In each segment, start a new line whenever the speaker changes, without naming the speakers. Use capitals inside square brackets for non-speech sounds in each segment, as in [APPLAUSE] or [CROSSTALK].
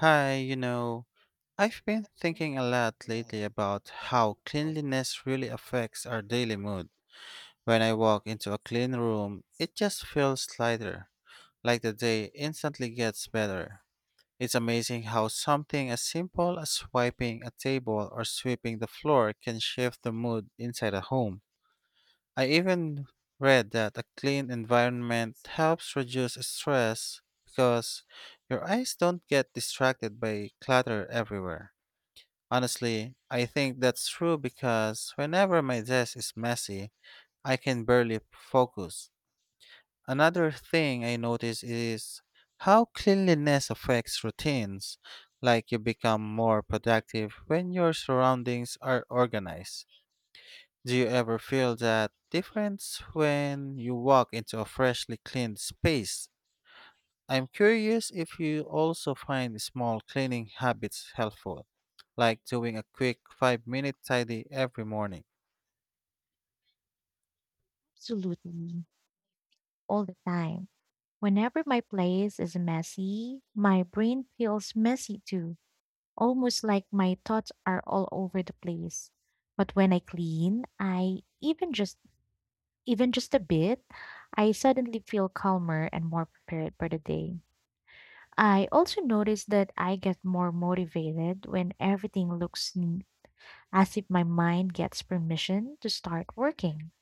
Hi, I've been thinking a lot lately about how cleanliness really affects our daily mood. When I walk into a clean room, it just feels lighter, like the day instantly gets better. It's amazing how something as simple as wiping a table or sweeping the floor can shift the mood inside a home. I even read that a clean environment helps reduce stress because your eyes don't get distracted by clutter everywhere. Honestly, I think that's true because whenever my desk is messy, I can barely focus. Another thing I notice is how cleanliness affects routines, like you become more productive when your surroundings are organized. Do you ever feel that difference when you walk into a freshly cleaned space? I'm curious if you also find small cleaning habits helpful, like doing a quick 5-minute minute tidy every morning.
Absolutely, all the time. Whenever my place is messy, my brain feels messy too, almost like my thoughts are all over the place. But when I clean, I even just a bit, I suddenly feel calmer and more prepared for the day. I also notice that I get more motivated when everything looks neat, as if my mind gets permission to start working.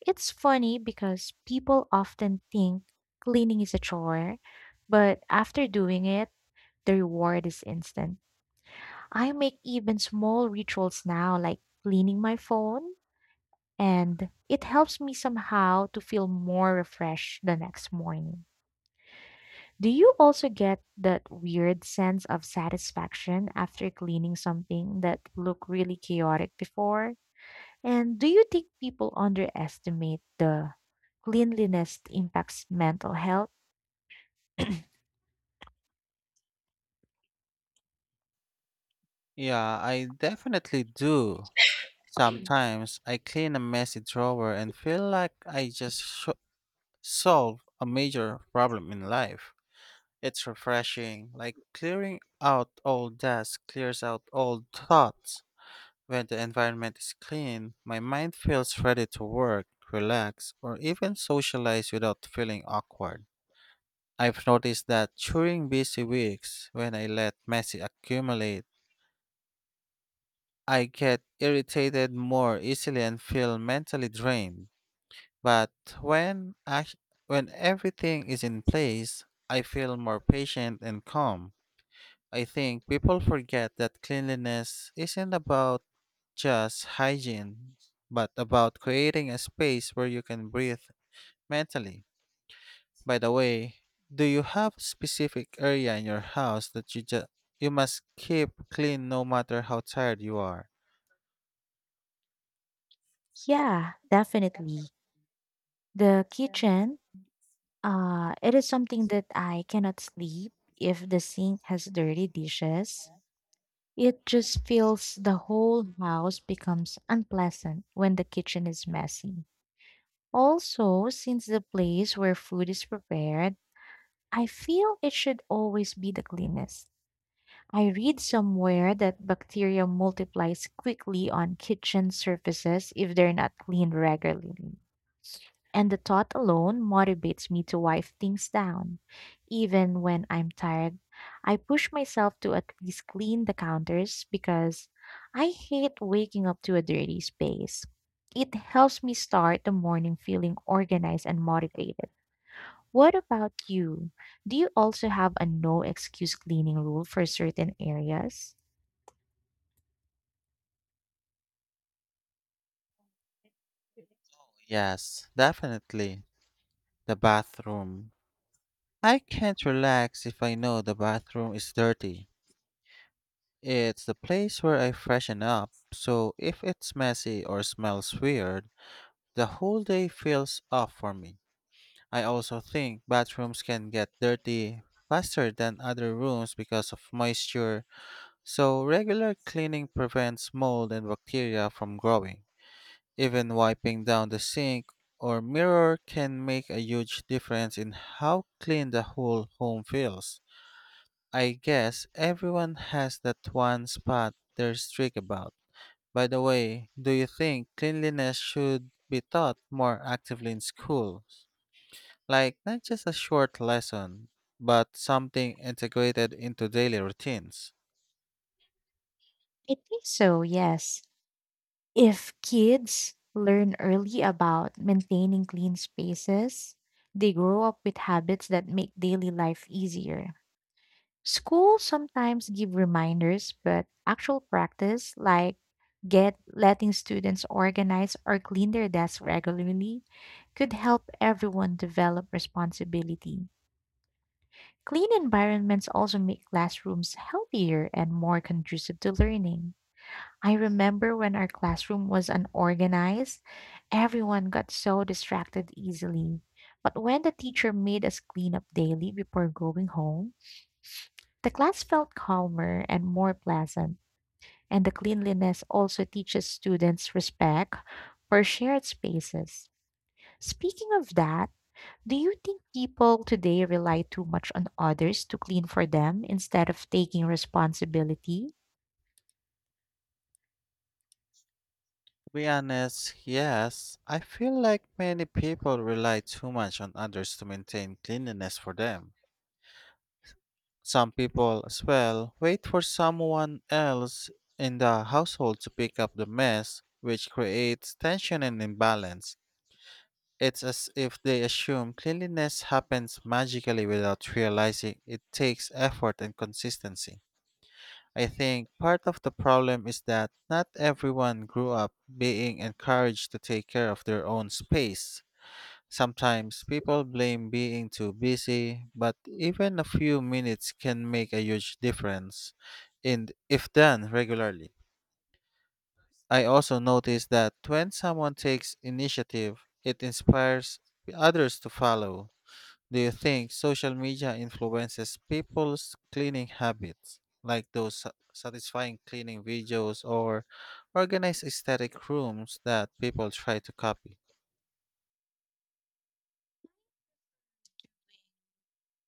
It's funny because people often think cleaning is a chore, but after doing it, the reward is instant. I make even small rituals now, like cleaning my phone, and it helps me somehow to feel more refreshed the next morning. Do you also get that weird sense of satisfaction after cleaning something that looked really chaotic before? And do you think people underestimate the cleanliness impacts mental health? [CLEARS THROAT]
Yeah, I definitely do. Sometimes I clean a messy drawer and feel like I just sho solve a major problem in life. It's refreshing, like clearing out old desk clears out old thoughts. When the environment is clean, my mind feels ready to work, relax, or even socialize without feeling awkward. I've noticed that during busy weeks, when I let mess accumulate, I get irritated more easily and feel mentally drained. But when, ac- when everything is in place, I feel more patient and calm. I think people forget that cleanliness isn't about just hygiene, but about creating a space where you can breathe mentally. By the way, do you have a specific area in your house that you must keep clean no matter how tired you are?
Yeah, definitely. The kitchen, it is something that I cannot sleep if the sink has dirty dishes. It just feels the whole house becomes unpleasant when the kitchen is messy. Also, since the place where food is prepared, I feel it should always be the cleanest. I read somewhere that bacteria multiplies quickly on kitchen surfaces if they're not cleaned regularly. And the thought alone motivates me to wipe things down. Even when I'm tired, I push myself to at least clean the counters because I hate waking up to a dirty space. It helps me start the morning feeling organized and motivated. What about you? Do you also have a no excuse cleaning rule for certain areas?
Yes, definitely. The bathroom. I can't relax if I know the bathroom is dirty. It's the place where I freshen up, so if it's messy or smells weird, the whole day feels off for me. I also think bathrooms can get dirty faster than other rooms because of moisture, so regular cleaning prevents mold and bacteria from growing. Even wiping down the sink or mirror can make a huge difference in how clean the whole home feels. I guess everyone has that one spot they're strict about. By the way, do you think cleanliness should be taught more actively in schools? Like, not just a short lesson, but something integrated into daily routines?
I think so, yes. If kids learn early about maintaining clean spaces, they grow up with habits that make daily life easier. Schools sometimes give reminders, but actual practice, like get letting students organize or clean their desks regularly, could help everyone develop responsibility. Clean environments also make classrooms healthier and more conducive to learning. I remember when our classroom was unorganized, everyone got so distracted easily. But when the teacher made us clean up daily before going home, the class felt calmer and more pleasant. And the cleanliness also teaches students respect for shared spaces. Speaking of that, do you think people today rely too much on others to clean for them instead of taking responsibility
To be honest, yes, I feel like many people rely too much on others to maintain cleanliness for them. Some people, as well, wait for someone else in the household to pick up the mess, which creates tension and imbalance. It's as if they assume cleanliness happens magically without realizing it takes effort and consistency. I think part of the problem is that not everyone grew up being encouraged to take care of their own space. Sometimes people blame being too busy, but even a few minutes can make a huge difference and if done regularly. I also notice that when someone takes initiative, it inspires others to follow. Do you think social media influences people's cleaning habits, like those satisfying cleaning videos or organized aesthetic rooms that people try to copy?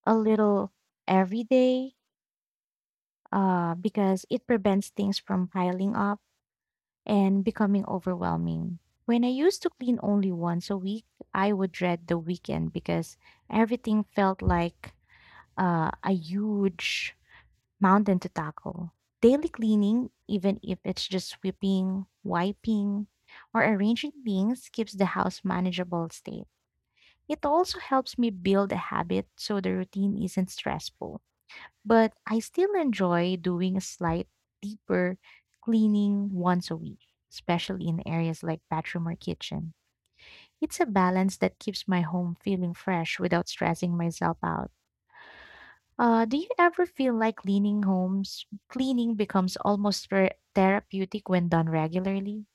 a little every day? Because it prevents things from piling up and becoming overwhelming. When I used to clean only once a week, I would dread the weekend because everything felt like a huge mountain to tackle. Daily cleaning, even if it's just sweeping, wiping, or arranging things, keeps the house manageable state. It also helps me build a habit so the routine isn't stressful but I still enjoy doing a slight deeper cleaning once a week, especially in areas like bathroom or kitchen. It's a balance that keeps my home feeling fresh without stressing myself out. Do you ever feel like cleaning becomes almost therapeutic when done regularly?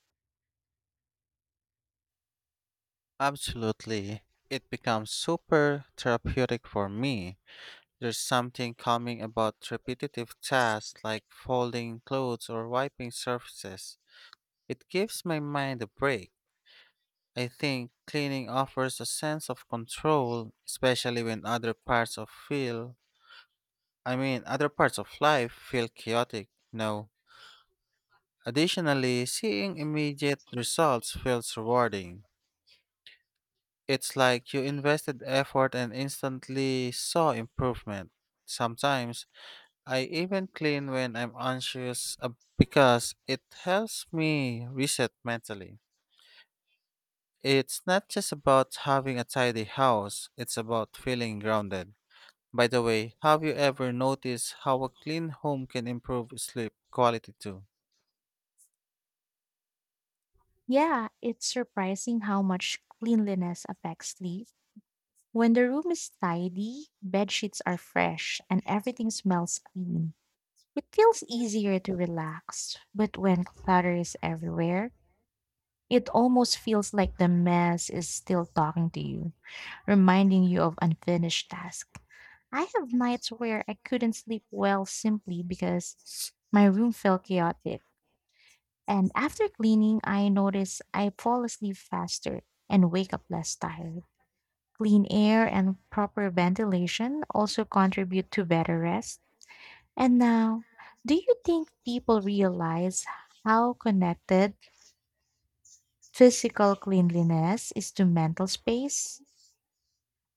Absolutely. It becomes super therapeutic for me. There's something calming about repetitive tasks like folding clothes or wiping surfaces. It gives my mind a break. I think cleaning offers a sense of control, especially when other parts of feel I mean, other parts of life feel chaotic. Additionally, seeing immediate results feels rewarding. It's like you invested effort and instantly saw improvement. Sometimes, I even clean when I'm anxious because it helps me reset mentally. It's not just about having a tidy house, it's about feeling grounded. By the way, have you ever noticed how a clean home can improve sleep quality too?
Yeah, it's surprising how much cleanliness affects sleep. When the room is tidy, bed sheets are fresh and everything smells clean. It feels easier to relax, but when clutter is everywhere, it almost feels like the mess is still talking to you, reminding you of unfinished tasks. I have nights where I couldn't sleep well simply because my room felt chaotic. And after cleaning, I notice I fall asleep faster and wake up less tired. Clean air and proper ventilation also contribute to better rest and now, do you think people realize how connected physical cleanliness is to mental space?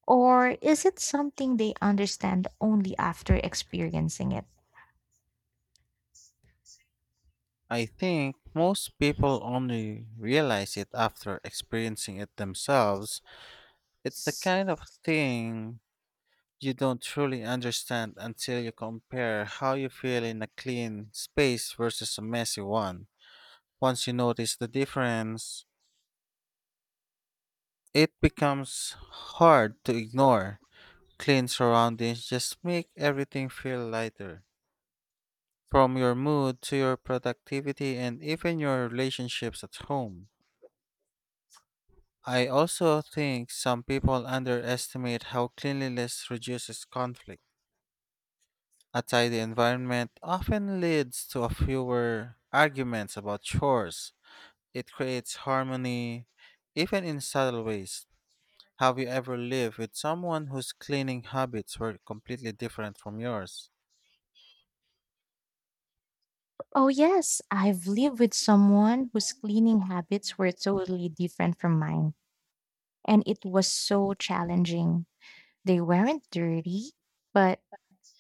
Or is it something they understand only after experiencing it?
I think most people only realize it after experiencing it themselves. It's the kind of thing you don't truly understand until you compare how you feel in a clean space versus a messy one. Once you notice the difference, it becomes hard to ignore. Clean surroundings just make everything feel lighter, from your mood to your productivity and even your relationships at home. I also think some people underestimate how cleanliness reduces conflict. A tidy environment often leads to a fewer arguments about chores. It creates harmony, even in subtle ways. Have you ever lived with someone whose cleaning habits were completely different from yours?
Oh, yes, I've lived with someone whose cleaning habits were totally different from mine, and it was so challenging. They weren't dirty, but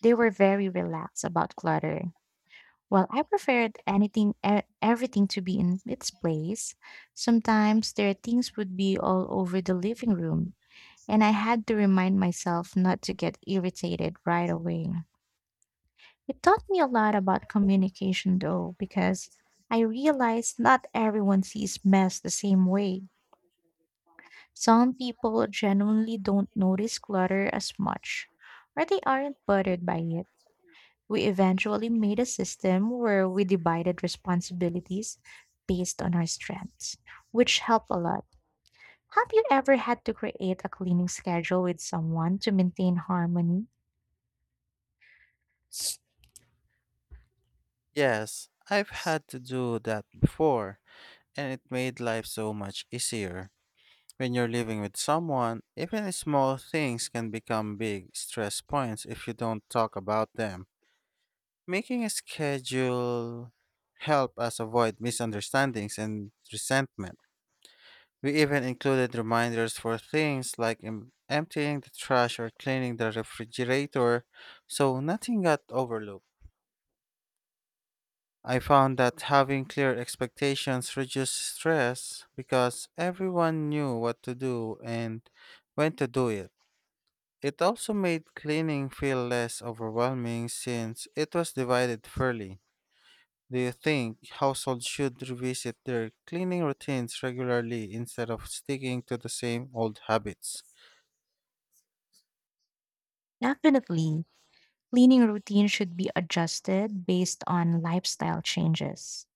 they were very relaxed about clutter. Well, I preferred everything to be in its place. Sometimes their things would be all over the living room, and I had to remind myself not to get irritated right away. It taught me a lot about communication, though, because I realized not everyone sees mess the same way. Some people genuinely don't notice clutter as much, or they aren't bothered by it. We eventually made a system where we divided responsibilities based on our strengths, which helped a lot. Have you ever had to create a cleaning schedule with someone to maintain harmony?
Yes, I've had to do that before, and it made life so much easier. When you're living with someone, even small things can become big stress points if you don't talk about them. Making a schedule help us avoid misunderstandings and resentment. We even included reminders for things like emptying the trash or cleaning the refrigerator, so nothing got overlooked. I found that having clear expectations reduced stress because everyone knew what to do and when to do it. It also made cleaning feel less overwhelming since it was divided fairly. Do you think households should revisit their cleaning routines regularly instead of sticking to the same old habits?
Definitely. Cleaning routine should be adjusted based on lifestyle changes.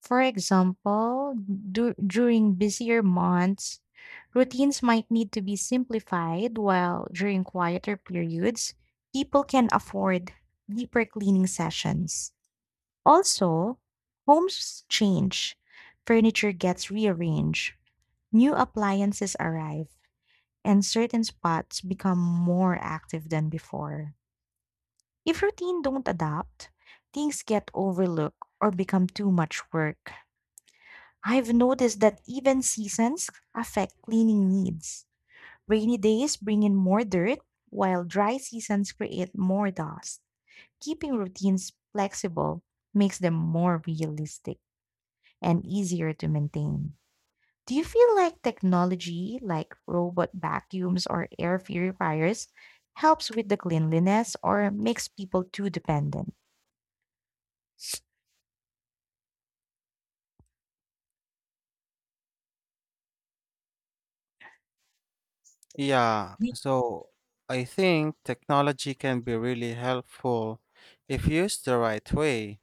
For example, during busier months, routines might need to be simplified, while during quieter periods, people can afford deeper cleaning sessions. Also, homes change, furniture gets rearranged, new appliances arrive, and certain spots become more active than before. If routine don't adapt, things get overlooked or become too much work. I've noticed that even seasons affect cleaning needs. Rainy days bring in more dirt, while dry seasons create more dust. Keeping routines flexible makes them more realistic and easier to maintain. Do you feel like technology, like robot vacuums or air purifiers, helps with the cleanliness or makes people too dependent?
Yeah, so I think technology can be really helpful if used the right way.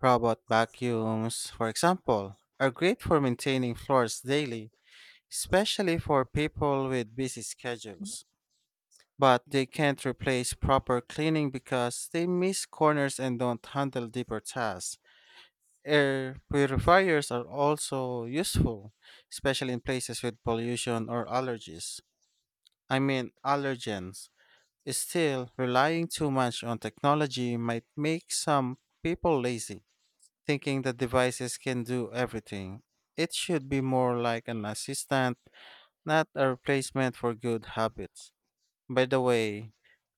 Robot vacuums, for example, are great for maintaining floors daily, especially for people with busy schedules, but they can't replace proper cleaning because they miss corners and don't handle deeper tasks. Air purifiers are also useful, especially in places with pollution or allergies. I mean, allergens. Still, relying too much on technology might make some people lazy, thinking that devices can do everything. It should be more like an assistant, not a replacement for good habits. By the way,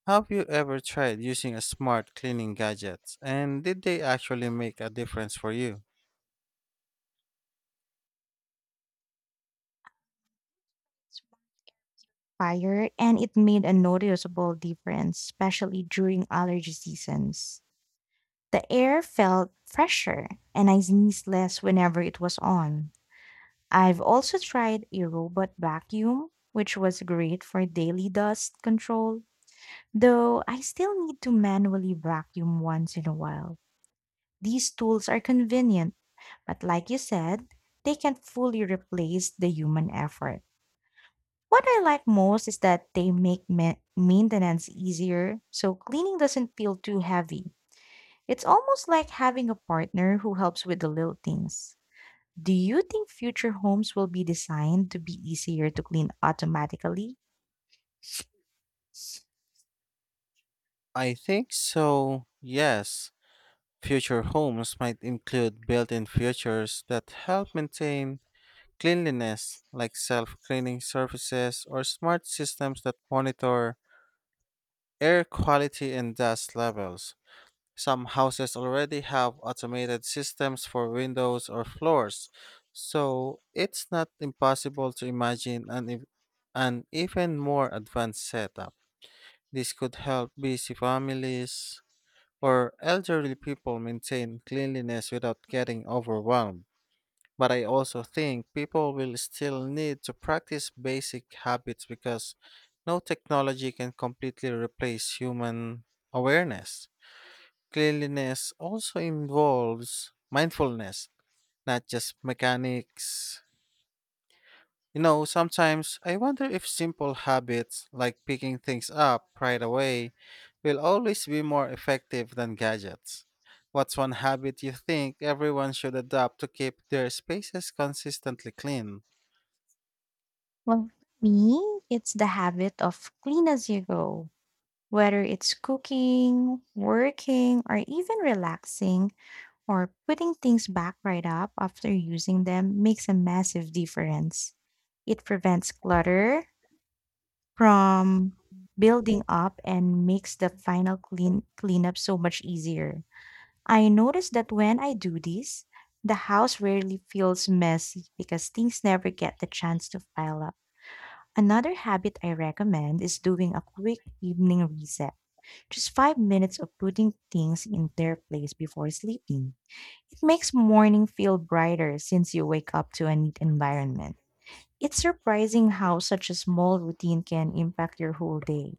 have you ever tried using a smart cleaning gadgets and did they actually make a difference for you?
Fire and it made a noticeable difference, especially during allergy seasons. The air felt fresher and I sneezed less whenever it was on. I've also tried a robot vacuum, which was great for daily dust control, though I still need to manually vacuum once in a while. These tools are convenient, but like you said, they can't fully replace the human effort. What I like most is that they make maintenance easier, so cleaning doesn't feel too heavy. It's almost like having a partner who helps with the little things. Do you think future homes will be designed to be easier to clean automatically?
I think so. Yes. Future homes might include built-in features that help maintain cleanliness like self-cleaning surfaces or smart systems that monitor air quality and dust levels. Some houses already have automated systems for windows or floors, so it's not impossible to imagine an even more advanced setup. This could help busy families or elderly people maintain cleanliness without getting overwhelmed. But I also think people will still need to practice basic habits because no technology can completely replace human awareness. Cleanliness also involves mindfulness, not just mechanics. Sometimes I wonder if simple habits like picking things up right away will always be more effective than gadgets. What's one habit you think everyone should adopt to keep their spaces consistently clean?
Well, for me, it's the habit of clean as you go. Whether it's cooking, working, or even relaxing, or putting things back right up after using them makes a massive difference. It prevents clutter from building up and makes the final cleanup so much easier. I notice that when I do this, the house rarely feels messy because things never get the chance to pile up. Another habit I recommend is doing a quick evening reset. Just 5 minutes of putting things in their place before sleeping. It makes morning feel brighter since you wake up to a neat environment. It's surprising how such a small routine can impact your whole day.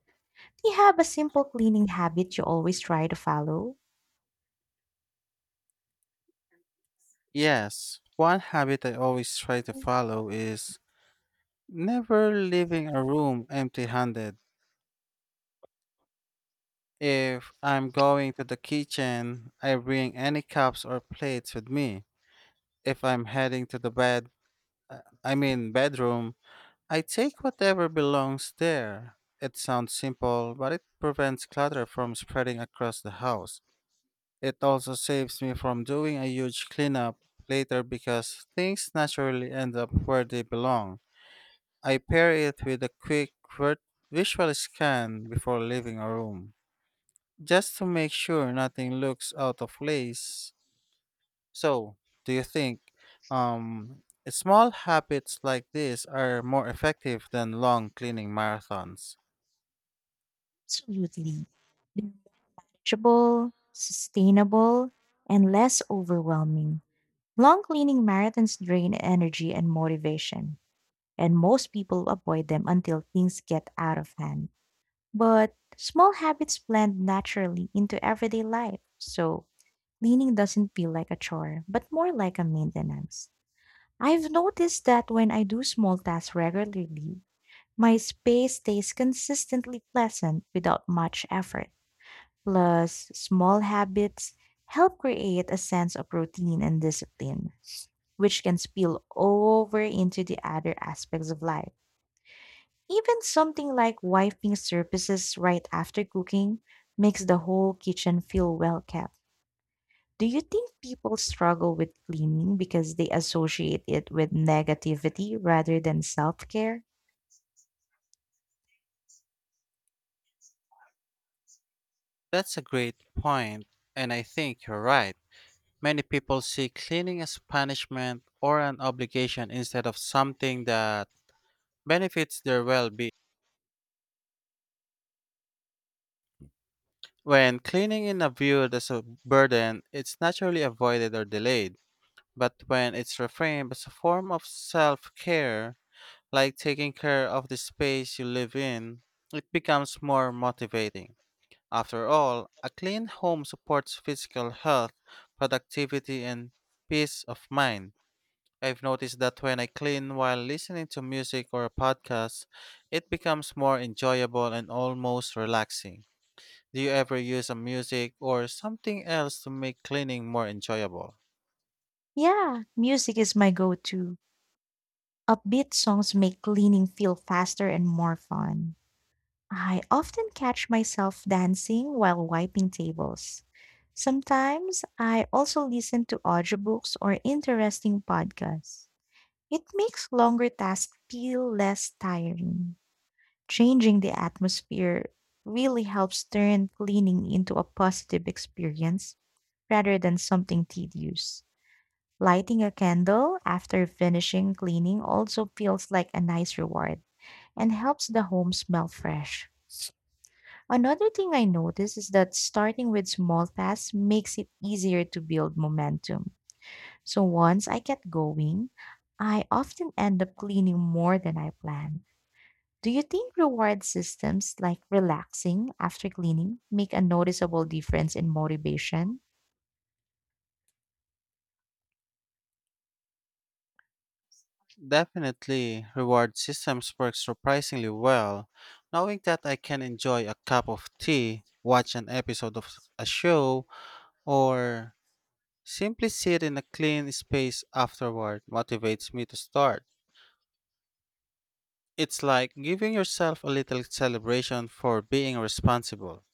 Do you have a simple cleaning habit you always try to follow?
Yes, one habit I always try to follow is never leaving a room empty handed. If I'm going to the kitchen, I bring any cups or plates with me. If I'm heading to the I mean bedroom, I take whatever belongs there. It sounds simple, but it prevents clutter from spreading across the house. It also saves me from doing a huge cleanup later because things naturally end up where they belong. I pair it with a quick visual scan before leaving a room just to make sure nothing looks out of place. So, do you think um, small habits like this are more effective than long cleaning marathons?
Absolutely. They're manageable, sustainable, and less overwhelming. Long cleaning marathons drain energy and motivation, and most people avoid them until things get out of hand. But small habits blend naturally into everyday life, so cleaning doesn't feel like a chore, but more like a maintenance. I've noticed that when I do small tasks regularly, my space stays consistently pleasant without much effort. Plus, small habits help create a sense of routine and discipline, which can spill over into the other aspects of life. Even something like wiping surfaces right after cooking makes the whole kitchen feel well kept. Do you think people struggle with cleaning because they associate it with negativity rather than self care?
That's a great point, and I think you're right. Many people see cleaning as punishment or an obligation instead of something that benefits their well being. When cleaning is viewed as a burden, it's naturally avoided or delayed. But when it's reframed as a form of self care, like taking care of the space you live in, it becomes more motivating. After all, a clean home supports physical health, productivity, and peace of mind. I've noticed that when I clean while listening to music or a podcast, it becomes more enjoyable and almost relaxing. Do you ever use a music or something else to make cleaning more enjoyable?
Yeah, music is my go to. Upbeat songs make cleaning feel faster and more fun. I often catch myself dancing while wiping tables. Sometimes I also listen to audiobooks or interesting podcasts. It makes longer tasks feel less tiring. Changing the atmosphere really helps turn cleaning into a positive experience rather than something tedious. Lighting a candle after finishing cleaning also feels like a nice reward and helps the home smell fresh. Another thing I notice is that starting with small tasks makes it easier to build momentum. So once I get going, I often end up cleaning more than I planned. Do you think reward systems like relaxing after cleaning make a noticeable difference in motivation?
Definitely, reward systems work surprisingly well. Knowing that I can enjoy a cup of tea, watch an episode of a show, or simply sit in a clean space afterward motivates me to start. It's like giving yourself a little celebration for being responsible.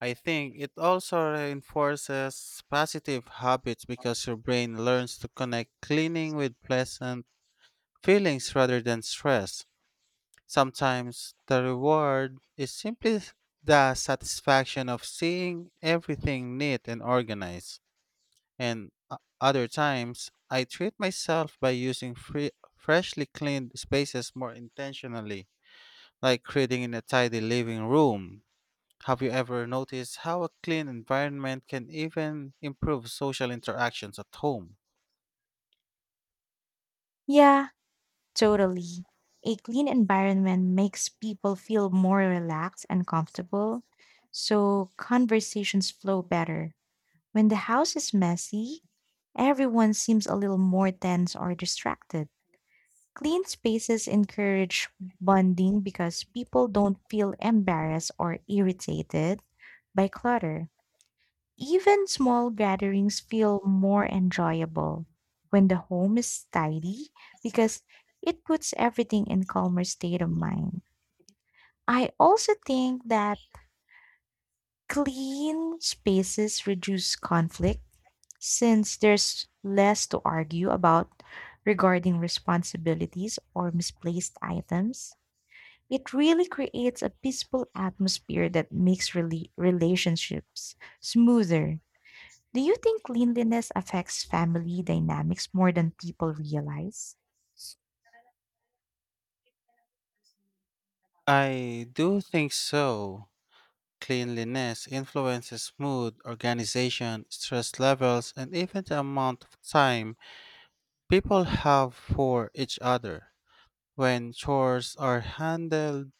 I think it also reinforces positive habits because your brain learns to connect cleaning with pleasant feelings rather than stress. Sometimes the reward is simply the satisfaction of seeing everything neat and organized. And other times, I treat myself by using freshly cleaned spaces more intentionally, like creating in a tidy living room. Have you ever noticed how a clean environment can even improve social interactions at home?
Yeah, totally. A clean environment makes people feel more relaxed and comfortable, so conversations flow better. When the house is messy, everyone seems a little more tense or distracted. Clean spaces encourage bonding because people don't feel embarrassed or irritated by clutter. Even small gatherings feel more enjoyable when the home is tidy because it puts everything in calmer state of mind. I also think that clean spaces reduce conflict since there's less to argue about regarding responsibilities or misplaced items. It really creates a peaceful atmosphere that makes relationships smoother. Do you think cleanliness affects family dynamics more than people realize?
I do think so. Cleanliness influences mood, organization, stress levels, and even the amount of time people have for each other. When chores are handled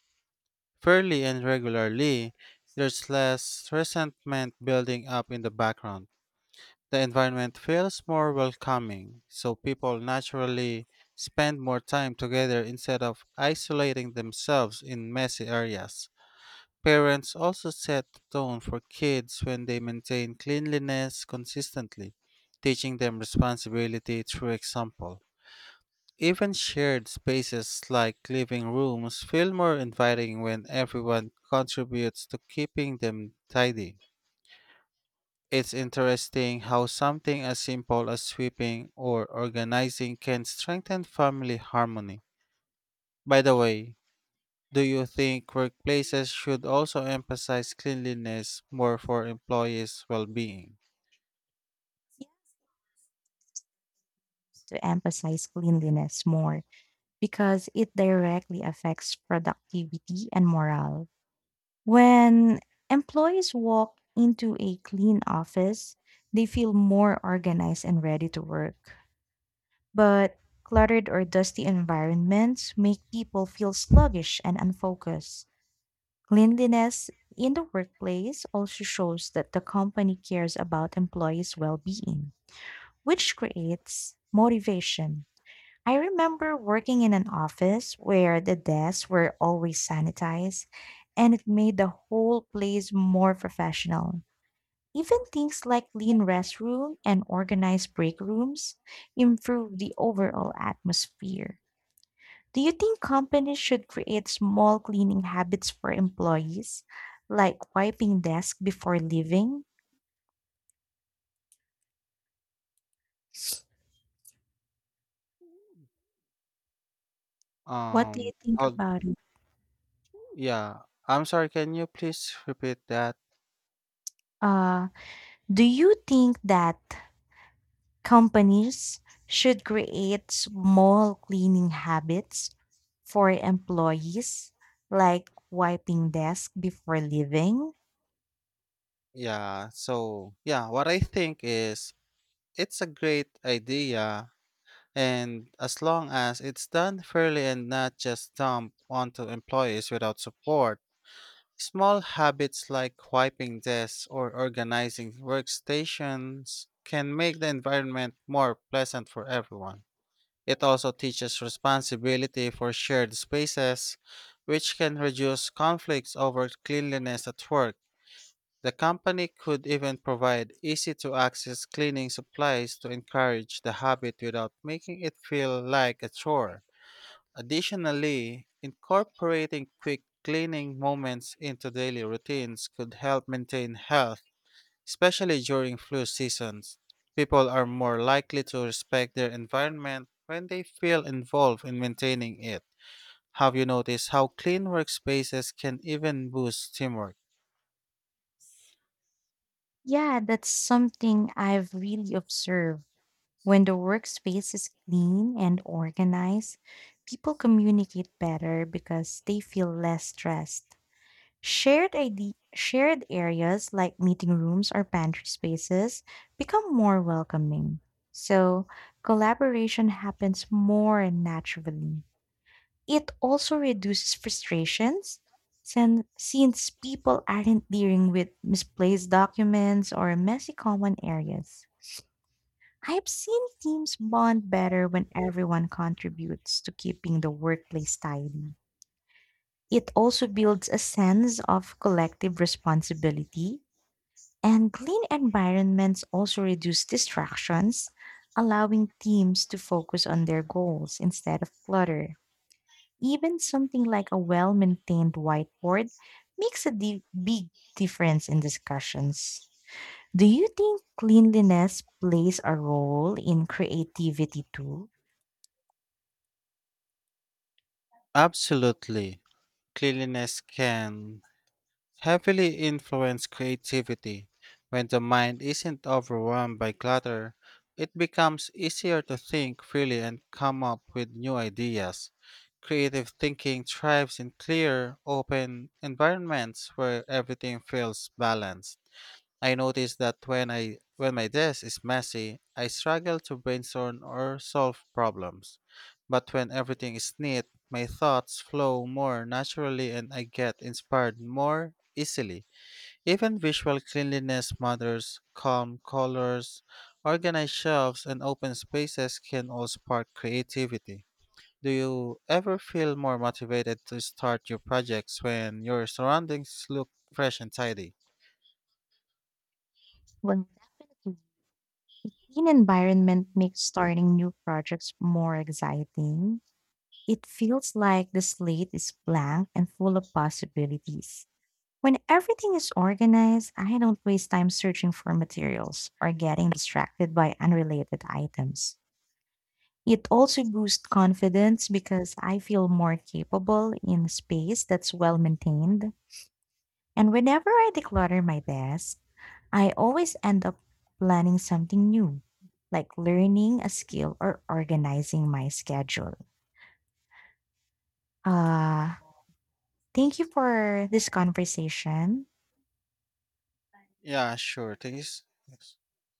fairly and regularly, there's less resentment building up in the background. The environment feels more welcoming, so people naturally spend more time together instead of isolating themselves in messy areas. Parents also set the tone for kids when they maintain cleanliness consistently, teaching them responsibility through example. Even shared spaces like living rooms feel more inviting when everyone contributes to keeping them tidy. It's interesting how something as simple as sweeping or organizing can strengthen family harmony. By the way, do you think workplaces should also emphasize cleanliness more for employees' well-being?
Yeah. To emphasize cleanliness more because it directly affects productivity and morale. When employees walk into a clean office, they feel more organized and ready to work. But cluttered or dusty environments make people feel sluggish and unfocused. Cleanliness in the workplace also shows that the company cares about employees' well being, which creates motivation. I remember working in an office where the desks were always sanitized, and it made the whole place more professional. Even things like clean restroom and organized break rooms improve the overall atmosphere. Do you think companies should create small cleaning habits for employees, like wiping desk before leaving? What do you
Um,
think
how,
about it?
yeah, I'm sorry, can you please repeat that?
Uh, do you think that companies should create small cleaning habits for employees, like wiping desk before leaving?
Yeah, so what I think is it's a great idea and as long as it's done fairly and not just dumped onto employees without support, small habits like wiping desks or organizing workstations can make the environment more pleasant for everyone. It also teaches responsibility for shared spaces, which can reduce conflicts over cleanliness at work. The company could even provide easy to access cleaning supplies to encourage the habit without making it feel like a chore. Additionally, incorporating quick cleaning moments into daily routines could help maintain health, especially during flu seasons. People are more likely to respect their environment when they feel involved in maintaining it. Have you noticed how clean workspaces can even boost teamwork?
Yeah, that's something I've really observed. When the workspace is clean and organized, people communicate better because they feel less stressed. Shared areas like meeting rooms or pantry spaces become more welcoming. So, collaboration happens more naturally. It also reduces frustrations since people aren't dealing with misplaced documents or messy common areas. I've seen teams bond better when everyone contributes to keeping the workplace tidy. It also builds a sense of collective responsibility, and clean environments also reduce distractions, allowing teams to focus on their goals instead of clutter. Even something like a well maintained whiteboard makes a big difference in discussions. Do you think cleanliness plays a role in creativity too?
Absolutely. Cleanliness can heavily influence creativity. When the mind isn't overwhelmed by clutter, it becomes easier to think freely and come up with new ideas. Creative thinking thrives in clear, open environments where everything feels balanced. I notice that when my desk is messy, I struggle to brainstorm or solve problems. But when everything is neat, my thoughts flow more naturally and I get inspired more easily. Even visual cleanliness matters, calm colors, organized shelves and open spaces can all spark creativity. Do you ever feel more motivated to start your projects when your surroundings look fresh and tidy?
Well, definitely. A clean environment makes starting new projects more exciting. It feels like the slate is blank and full of possibilities. When everything is organized, I don't waste time searching for materials or getting distracted by unrelated items. It also boosts confidence because I feel more capable in a space that's well maintained. And whenever I declutter my desk, I always end up planning something new, like learning a skill or organizing my schedule. Uh, Thank you for this conversation.
Yeah, sure. Thanks. Yes.